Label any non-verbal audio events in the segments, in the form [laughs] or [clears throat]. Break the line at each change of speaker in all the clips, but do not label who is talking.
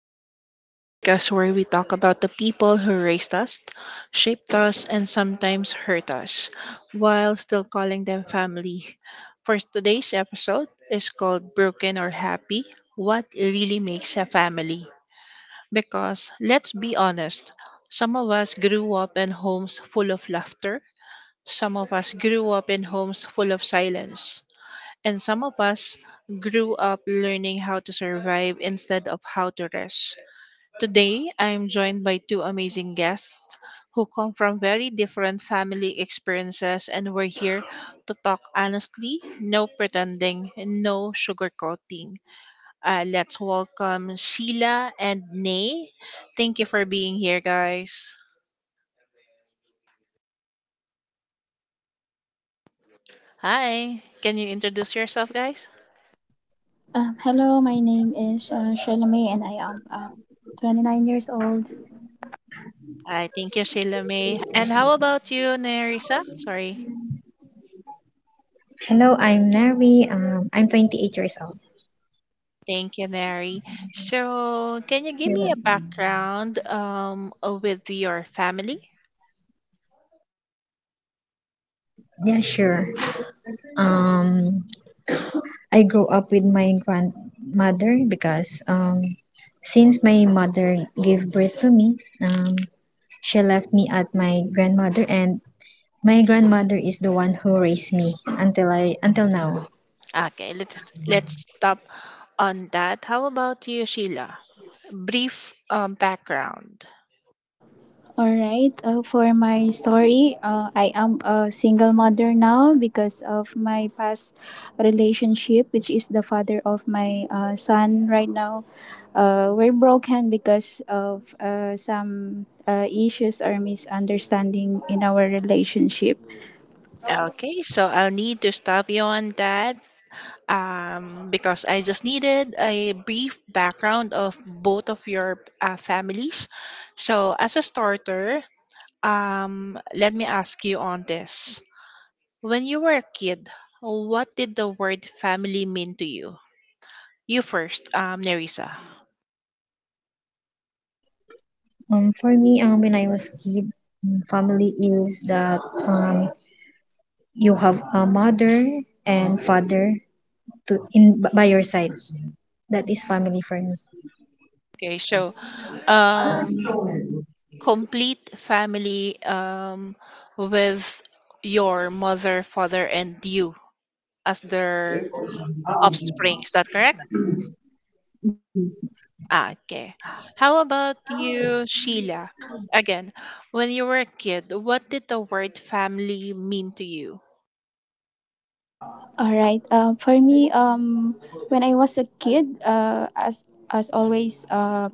Family, the podcast where we talk about the people who raised us, shaped us, and sometimes hurt us, while still calling them family. For today's episode is called Broken or Happy, What Really Makes a Family. Because let's be honest, some of us grew up in homes full of laughter, some of us grew up in homes full of silence. And some of us grew up learning how to survive instead of how to rest. Today, I am joined by two amazing guests who come from very different family experiences, and we're here to talk honestly, no pretending, no sugarcoating. Let's welcome Sheila and Nay. Thank you for being here, guys. Hi, can you introduce yourself, guys?
Hello, my name is Shalome and I am 29 years old.
Hi, thank you, Sheila May. And how about you, Nerissa? Sorry.
Hello, I'm Neri. I'm 28 years old.
Thank you, Mary. So, can you give
You're
me a
welcome.
background with your family?
Yeah, sure. Um, I grew up with my grandmother because since my mother gave birth to me, she left me at my grandmother, and my grandmother is the one who raised me until now.
Okay, let's stop on that. How about you, Sheila? Brief background.
Alright, for my story, I am a single mother now because of my past relationship, which is the father of my son right now. We're broken because of some issues or misunderstanding in our relationship.
Okay, so I'll need to stop you on that because I just needed a brief background of both of your families. So, as a starter, let me ask you on this. When you were a kid, what did the word family mean to you? You first, Nerissa.
For me, when I was kid, family is that um, you have a mother and father to in by your side. That is family for me.
Okay, so um, complete family with your mother, father, and you as their offspring. Is that correct? Okay. How about you, Sheila? Again, when you were a kid, what did the word family mean to you?
All right. For me, when I was a kid, as always, uh,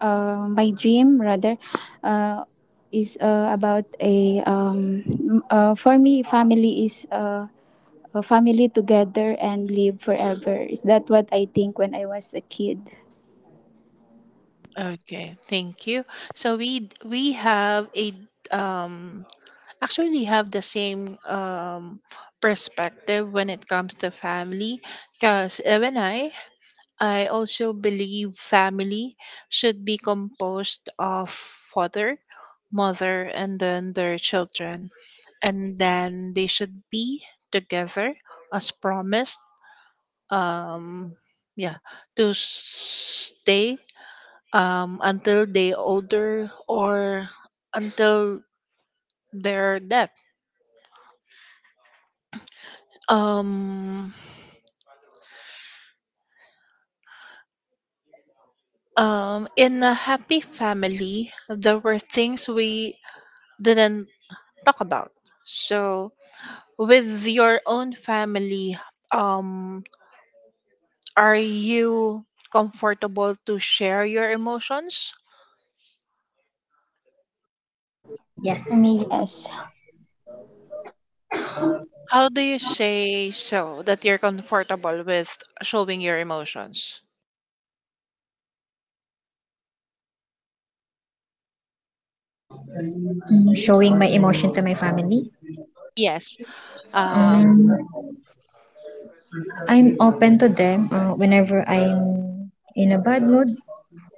uh, my dream rather uh, is about a for me family is a family together and live forever. Is that what I think when I was a kid?
Okay, thank you. So we have a um actually have the same perspective when it comes to family, because even I also believe family should be composed of father, mother, and then their children. And then they should be together as promised. Um, yeah, to stay until they older or until their death. Um, in a happy family, there were things we didn't talk about. So with your own family, um, are you comfortable to share your emotions?
Mm, yes.
For me, yes.
How do you say so that you're comfortable with showing your emotions?
Mm, showing my emotion to my family.
Yes. Um,
Um, I'm open to them whenever I'm in a bad mood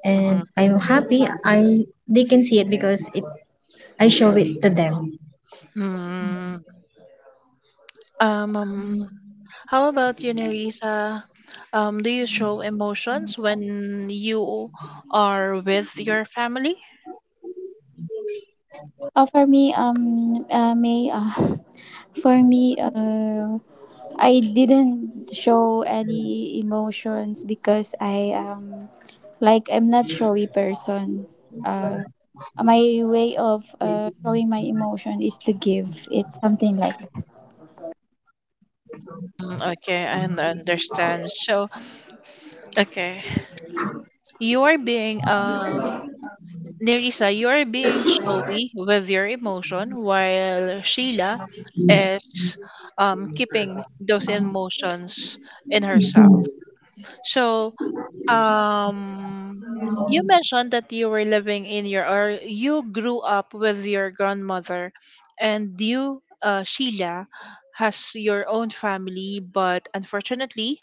and
mhm.
I'm happy. I They can see it because it I show it to them.
Mm, um, um, how about you, Nerissa? Do you show emotions when you are with your family?
Oh, for me, may [laughs] for me, I didn't show any emotions because I like I'm not showy person. Uh, my way of showing my emotion is to give. It's something like that.
Okay, I understand. So, okay. You are being Nerissa, you are being showy with your emotion, while Sheila is keeping those emotions in herself. So um you mentioned that you were living in your or you grew up with your grandmother, and you Sheila has your own family, but unfortunately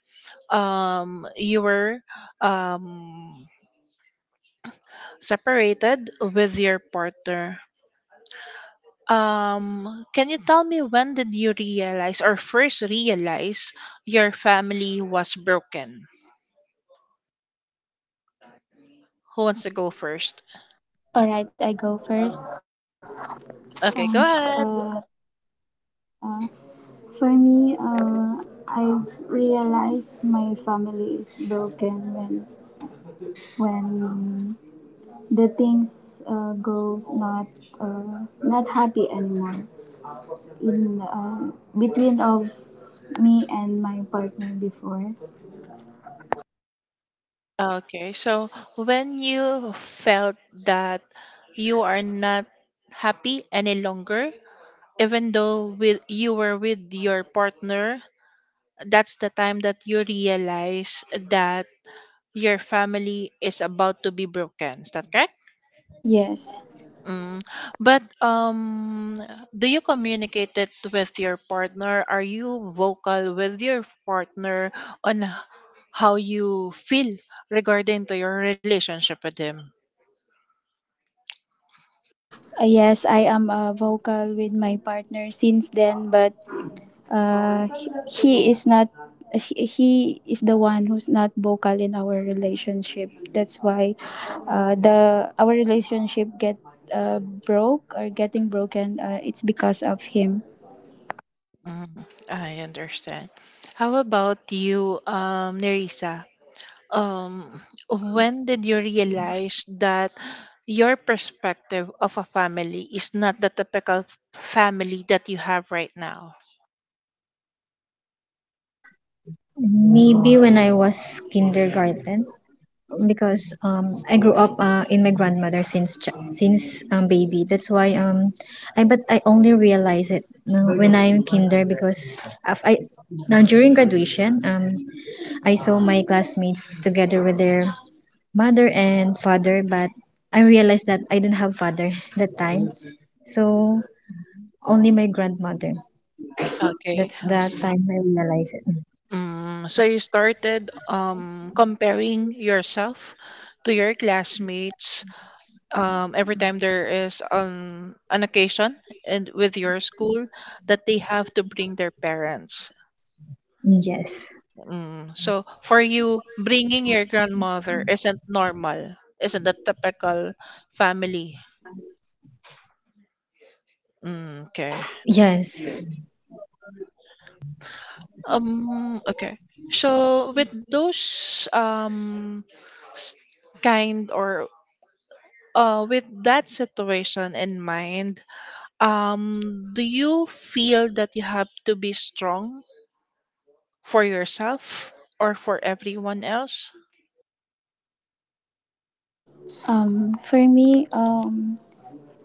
you were um separated with your partner. Can you tell me when did you realize or first realize your family was broken? Who wants to go first?
All right, I go first. Um, sh-
Okay, go
uh,
ahead.
uh, for me, I've realized my family is broken when the things goes not not happy anymore in between of me and my partner before.
Okay, so when you felt that you are not happy any longer, even though with you were with your partner, that's the time that you realize that your family is about to be broken. Is that correct?
Yes.
Mm. But do you communicate it with your partner? Are you vocal with your partner on how you feel regarding to your relationship with him?
Yes, I am vocal with my partner since then, but he is not. He is the one who's not vocal in our relationship. That's why the our relationship get broke or getting broken. It's because of him.
I understand. How about you, Nerissa? Um, when did you realize that your perspective of a family is not the typical family that you have right now?
Maybe when I was kindergarten, because I grew up in my grandmother since baby. That's why I only realize it when I'm kinder because of, I now during graduation, I saw my classmates together with their mother and father, but I realized that I didn't have father [laughs] that time, so only my grandmother.
Okay.
That's
S-
the time I realized it.
So you started comparing yourself to your classmates every time there is an occasion and with your school that they have to bring their parents.
Mm,
Mm. So
yes,
for you, bringing your grandmother isn't normal, isn't the typical family. Mm, okay.
yes.
Okay. So with those s- kind or with that situation in mind, do you feel that you have to be strong for yourself or for everyone else?
For me, um,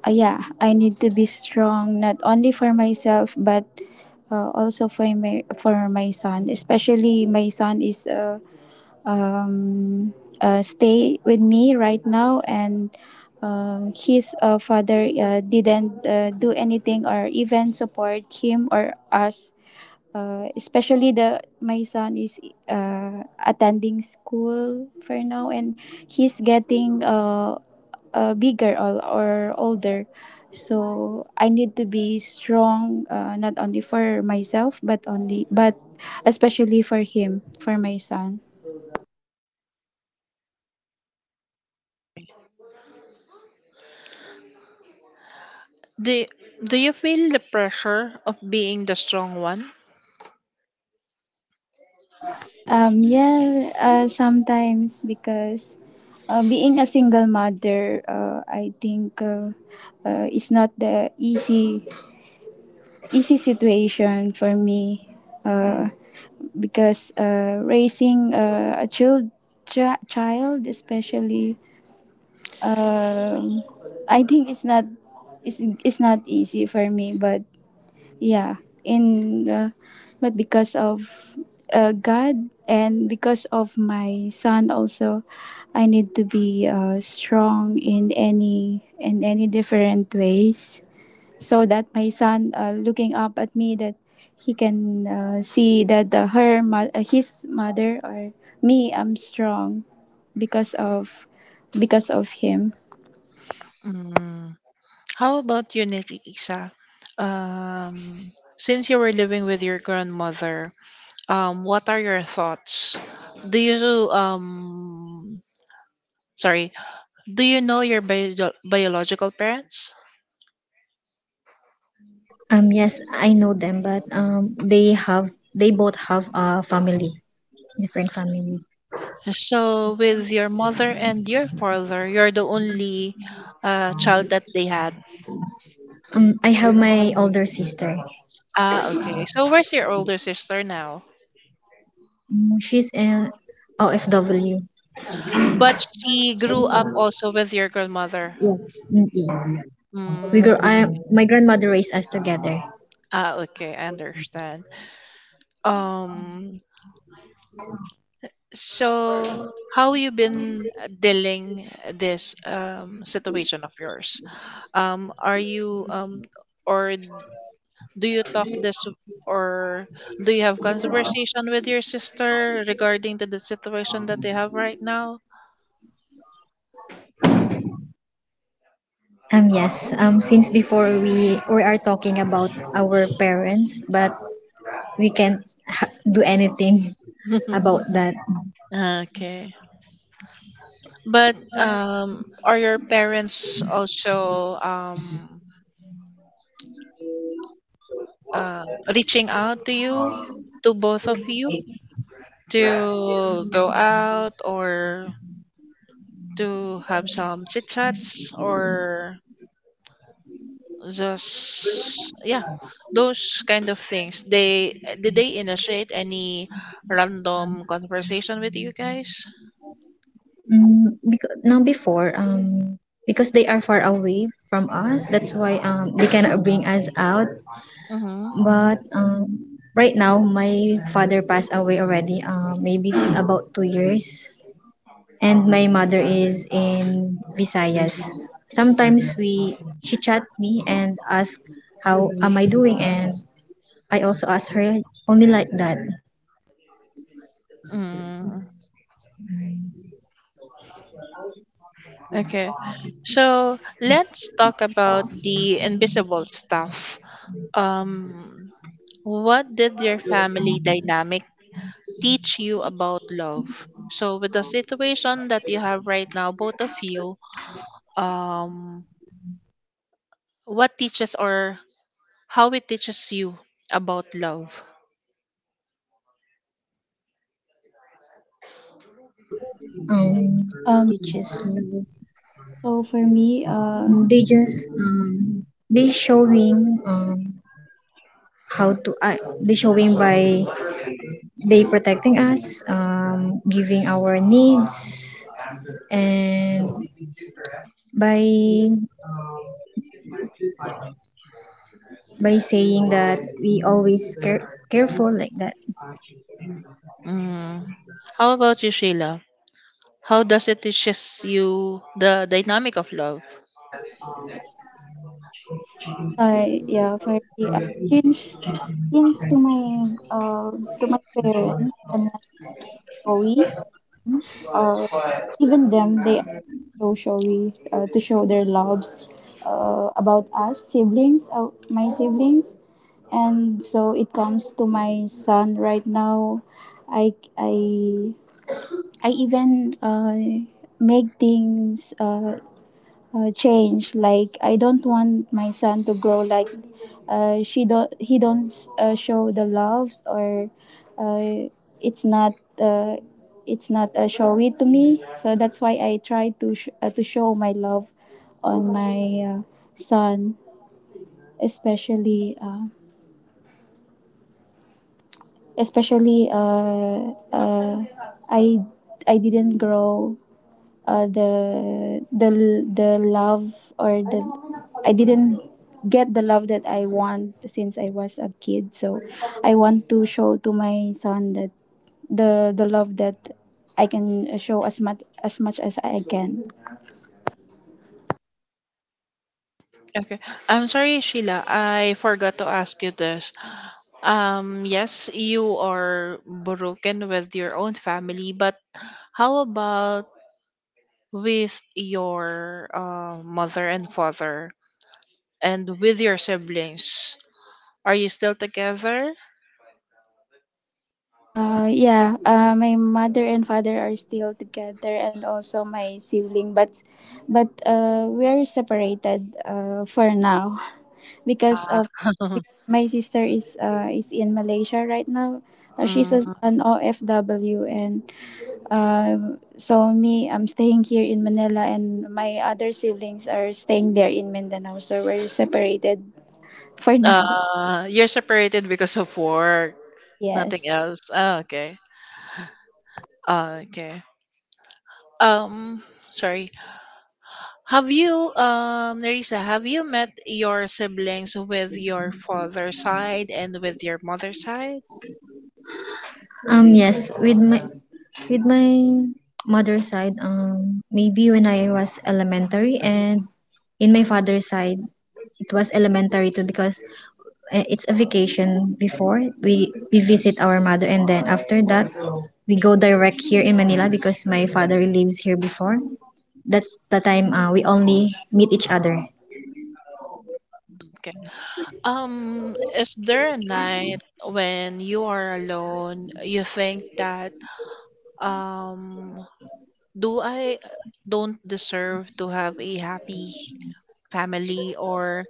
uh, yeah, I need to be strong not only for myself but also for my son. Especially my son is um, stay with me right now and his father didn't do anything or even support him or us, especially the my son is attending school for now and he's getting bigger or older, so I need to be strong not only for myself but only but especially for him, for my son.
Do Do you feel the pressure of being the strong one?
Yeah, sometimes, because being a single mother, I think it's not the easy easy situation for me, uh, because raising a child especially, um, I think it's not, it's not easy for me. But yeah, in but because of God and because of my son also, I need to be strong in any different ways so that my son looking up at me, that he can see that his mother or me, I'm strong because of, because of him.
Mm. How about you, Nerissa? Um, since you were living with your grandmother, what are your thoughts? Do you sorry, do you know your biological parents?
Yes, I know them, but they have they both have a family, different family.
So with your mother and your father, you're the only child that they had.
I have my older sister.
Ah, okay. So where's your older sister now?
Mm, she's a OFW.
But she grew up also with your grandmother.
Yes, mm, yes. We grew.
Mm,
I, my grandmother raised us together.
okay, I understand. Um, So, how you been dealing this situation of yours? Are you or Do you talk this or do you have conversation with your sister regarding to the situation that they have right now?
Yes. Since before we are talking about our parents, but we can't do anything [laughs]
[laughs]
about that.
Okay. But are your parents also reaching out to you, to both of you, to go out or to have some chit chats or just, yeah, those kind of things, they did they initiate any random conversation with you guys?
Mm, because now before Because they are far away from us, that's why they cannot bring us out.
Mm-hmm.
But right now my father passed away already, maybe about 2 years, and my mother is in Visayas. Sometimes we she chat me and ask how am I doing, and I also ask her, only like that.
mm okay, so let's talk about the invisible stuff. um what did your family dynamic teach you about love, so with the situation that you have right now, both of you? um What teaches or how it teaches you about love?
Um
Um
teaches
so for me
No, they just they showing how to they showing by they protecting us, giving our needs, and by by saying that we always care, careful like that.
Mm. How about you, Sheila? How does it teaches you the dynamic of love?
Yeah, for me, since since to my parents, I'm not showy, or even them, they are so showy to show their loves about us siblings, my siblings, and so it comes to my son right now. I I I even make things change. Like I don't want my son to grow like she don't, he don't show the loves or uh, it's not uh, it's not showy to me. So that's why I try to to show my love on my son, especially especially I I didn't grow the love or the, I didn't get the love that I want since I was a kid. So I want to show to my son that the love that I can show as much as much as I can.
Okay. I'm sorry, Sheila. I forgot to ask you this. Yes, you are broken with your own family, but how about with your mother and father and with your siblings? Are you still together?
Yeah, my mother and father are still together, and also my sibling, but we are separated for now [laughs] because of,
Uh,
my sister is in Malaysia right now. She's an,
[laughs]
an OFW, and so me, I'm staying here in Manila, and my other siblings are staying there in Mindanao. So we're separated for [laughs] now.
You're separated because of work, nothing
Yes.
else. Oh, okay. Oh, okay. Um, Sorry. Have you, Nerissa, have you met your siblings with your father's side and with your mother's side?
Yes, with my with my mother's side, maybe when I was elementary, and in my father's side it was elementary too, because it's a vacation. Before we visit our mother, and then after that we go direct here in Manila because my father lives here before. That's the time we only meet each other.
Okay. Is there a night when you are alone, you think that, um, do I don't deserve to have a happy family, or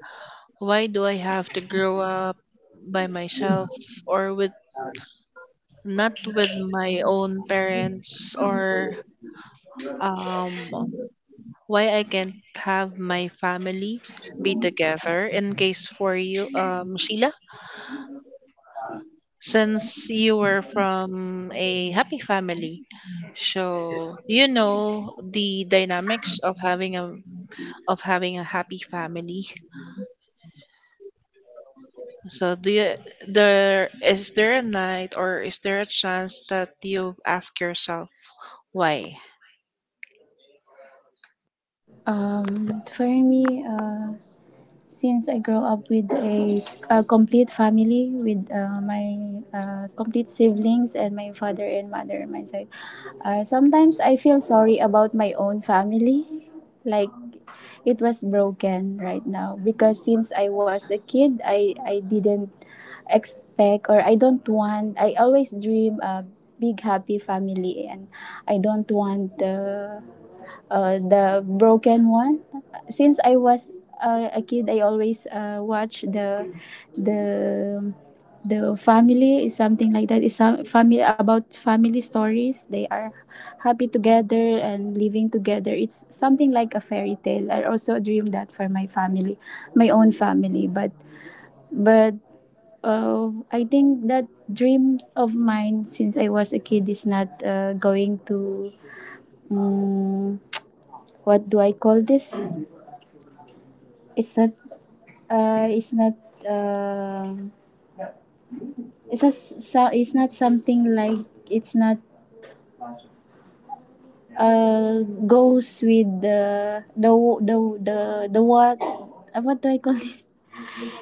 why do I have to grow up by myself or with not with my own parents, or um why I can't have my family be together, in case for you, Sheila? Since you were from a happy family, so you know the dynamics of having a happy family. So do you, there is there a night or is there a chance that you ask yourself why?
For me, since I grew up with a complete family with my complete siblings and my father and mother on my side. Sometimes I feel sorry about my own family, like it was broken right now, because since I was a kid, I didn't expect, or I don't want. I always dream a big happy family and I don't want the broken one. Since I was a kid, I always watch the the family is something like that. It's some family about family stories. They are happy together and living together. It's something like a fairy tale. I also dream that for my family, my own family. But I think that dreams of mine since I was a kid is not going to. Mm, what do I call this? It's not. It's not. um it's not. So, it's not something like. It's not. Goes with the the the what? What do I call this?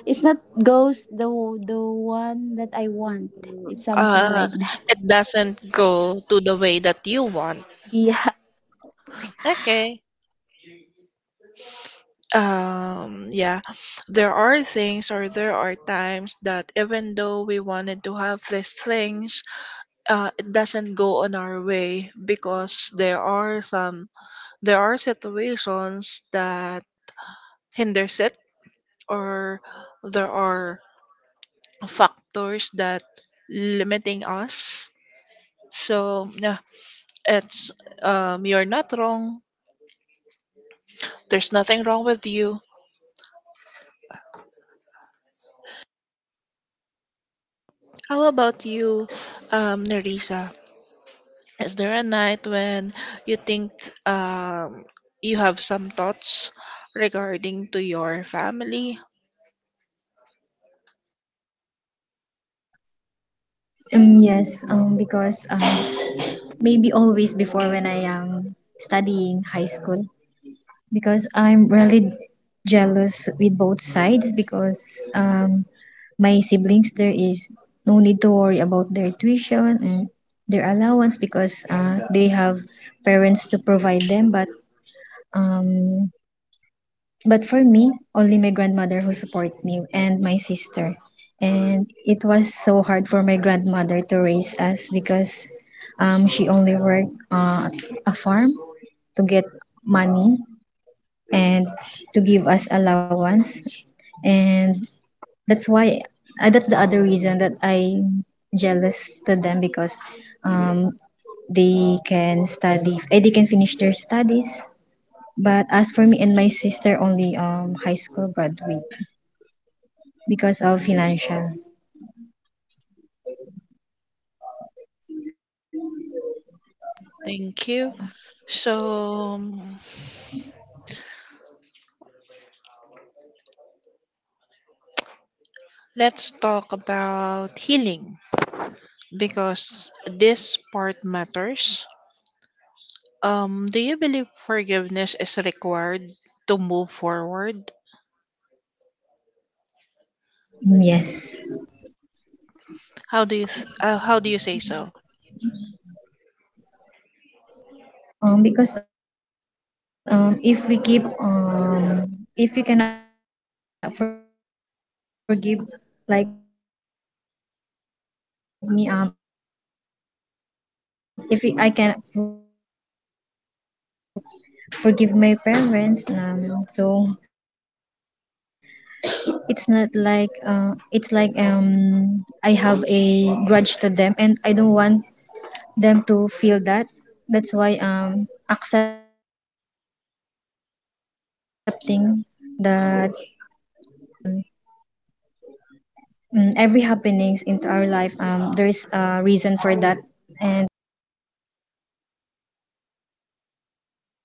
It's not goes the one that I want. It's something
uh
like that.
it
[laughs]
doesn't go to the way that you want.
Yeah.
Okay. Yeah, there are things or there are times that even though we wanted to have these things, it doesn't go on our way because there are some, there are situations that hinders it, or there are factors that limiting us. So yeah, it's, you're not wrong, there's nothing wrong with you. How about you, Nerissa, is there a night when you think, um, you have some thoughts regarding to your family?
Yes because, maybe always before when I am studying high school, because I'm really jealous with both sides. Because um, my siblings, there is no need to worry about their tuition and their allowance because they have parents to provide them. But um, for me, only my grandmother who support me and my sister, and it was so hard for my grandmother to raise us because she only worked a farm to get money and to give us allowance. And that's why that's the other reason that I'm jealous to them, because um, they can study, they can finish their studies, but as for me and my sister, only high school graduate because of financial.
Thank you. So let's talk about healing, because this part matters. Do you believe forgiveness is required to move forward?
Yes.
How do you how do you say so?
Because, if we keep, if we cannot forgive, like me, if we, I cannot forgive my parents, so it's not like, it's like, I have a grudge to them and I don't want them to feel that. That's why accepting that every um every happenings into our life, there is a reason for that, and we cannot blame them for that what happened.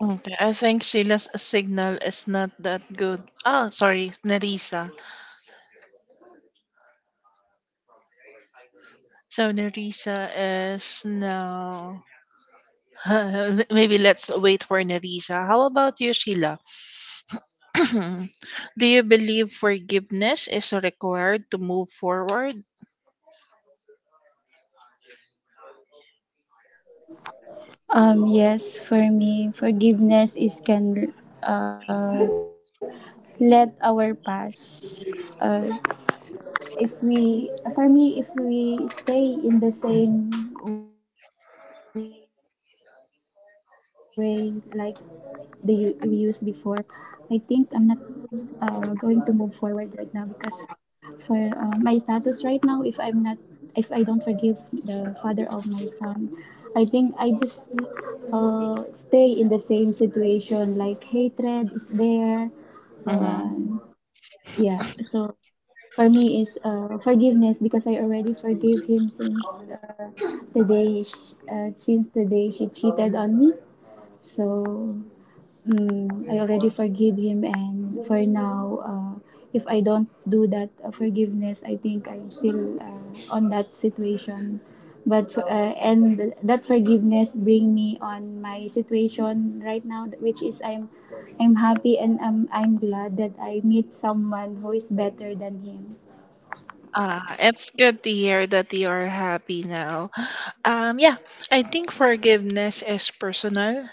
Okay, I think Sheila's signal is not that good. Oh, sorry, Narisa. So Narisa is now. [laughs] Maybe let's wait for Narisa. How about you, Sheila? [clears throat] Do you believe forgiveness is required to move forward?
Um, yes. For me, forgiveness is can. Let our past uh, if we, for
Nag-start na
me, if
kayo?
we stay in the same way like we used before, I think I'm not
Sandali lang
going
ha,
to
sandali
move
lang.
forward right now. Because for, my status right now, if I'm not, if I don't forgive the father of my son, I think I just stay in the same situation, like hatred is there. uh,
Mm-hmm.
yeah, so for me is forgiveness, because I already forgave him since the day since the day she cheated on me. So, mm, I already forgive him, and for now, if I don't do that forgiveness, I think I'm still on that situation. But and that forgiveness bring me on my situation right now, which is I'm happy and I'm glad that I meet someone who is better than him.
Ah, it's good to hear that you are happy now. Yeah, I think forgiveness is personal.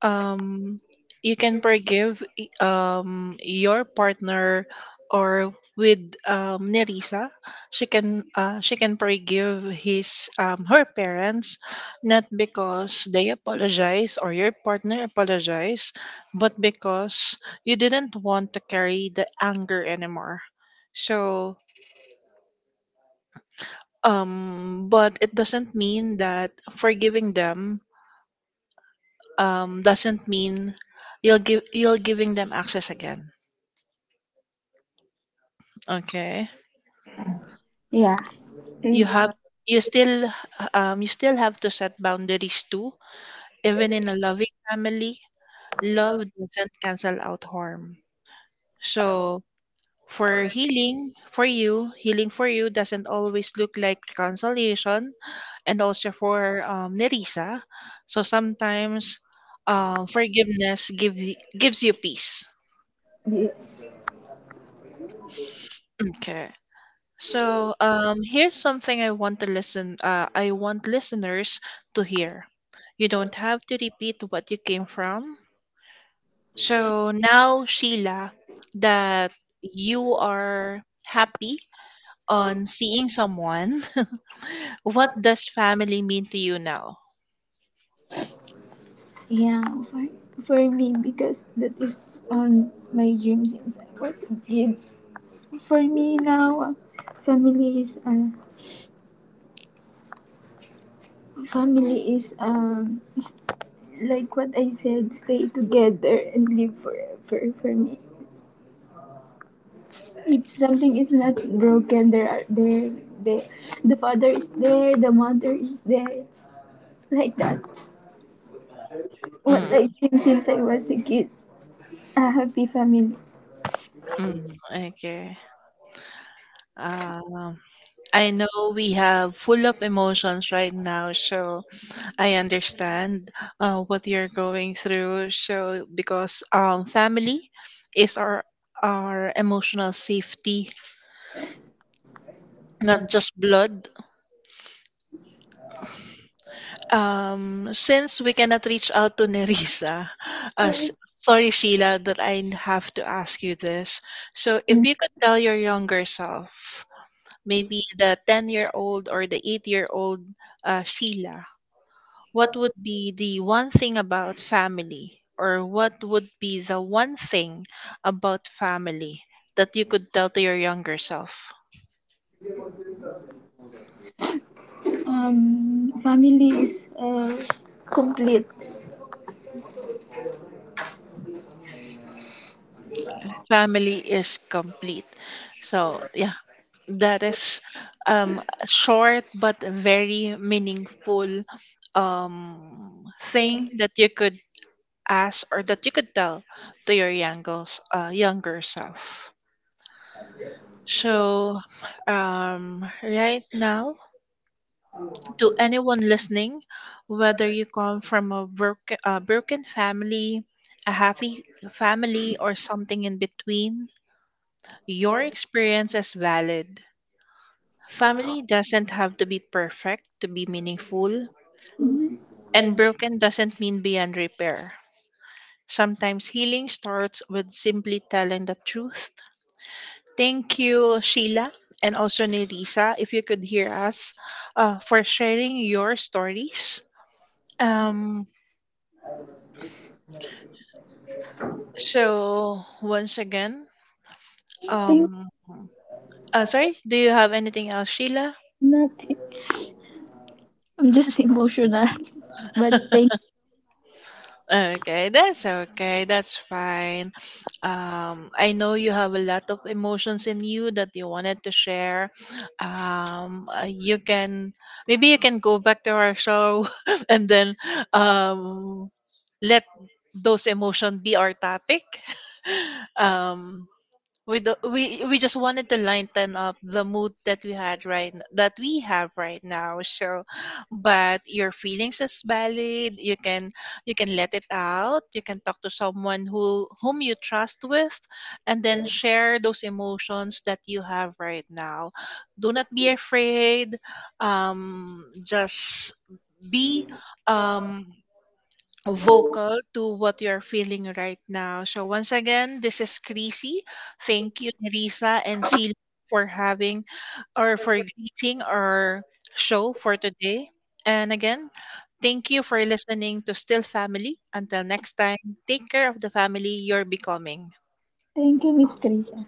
um you can forgive your partner, or with Nerissa, she can forgive his her parents, not because they apologize or your partner apologize, but because you didn't want to carry the anger anymore. So but it doesn't mean that forgiving them doesn't mean you'll giving them access again. Okay.
Yeah.
You have
It,
you still you still have to set boundaries too. Even in a loving family, love doesn't cancel out harm. So for healing for you doesn't always look like reconciliation, and also for Nerissa. So sometimes um forgiveness give, gives you peace.
yes.
Okay. So, here's something I want to listen. I want listeners to hear. You don't have to repeat what you came from. So now, Sheila, that you are happy on seeing someone, [laughs] what does family mean to you now?
Yeah, for, for me, because that is on my dream since I was a kid. For me now, family is family is like what I said, stay together and live forever. For me, it's something. It's not broken. There are there there. The father is there. The mother is there. It's like that. What
Mm,
I dream since I was a kid, a happy family.
mm, okay. Um, I know we have full of emotions right now, so I understand what you're going through. So, because family is our emotional safety, not just blood. Since we cannot reach out to Nerissa, [laughs] uh, s- sorry Sheila that I have to ask you this. So, if you could tell your younger self, maybe the 10-year old or the 8-year old Sheila, what would be the one thing about family, or what would be the one thing about family that you could tell to your younger self?
Family is complete.
Family is complete. So, yeah, that is a short but very meaningful thing that you could ask or that you could tell to your younger self. So, right now, to anyone listening, whether you come from a, a broken family, a happy family, or something in between, your experience is valid. Family doesn't have to be perfect to be meaningful, and broken doesn't mean beyond repair. Sometimes healing starts with simply telling the truth. Thank you, Sheila, and also Nerissa, if you could hear us, for sharing your stories. Um, So once again,
Thank
um, sorry. Do you have anything else, Sheila?
nothing. I'm just emotional. [laughs] But thank
Okay. That's fine. I know you have a lot of emotions in you that you wanted to share. You can, maybe you can go back to our show [laughs] and then um let those emotions be our topic. [laughs] um, we just wanted to lighten up the mood that we had that we have right now. So but your feelings is valid, you can, you can let it out, you can talk to someone who whom you trust with, and then share those emotions that you have right now. Do not be afraid, just be um vocal to what you're feeling right now. So once again, this is Creasy. Thank you, Nerissa and Sheila, for having or for greeting our show for today. And again, thank you for listening to Still Family. Until next time, take care of the family you're becoming.
Thank you, Miss Krisa.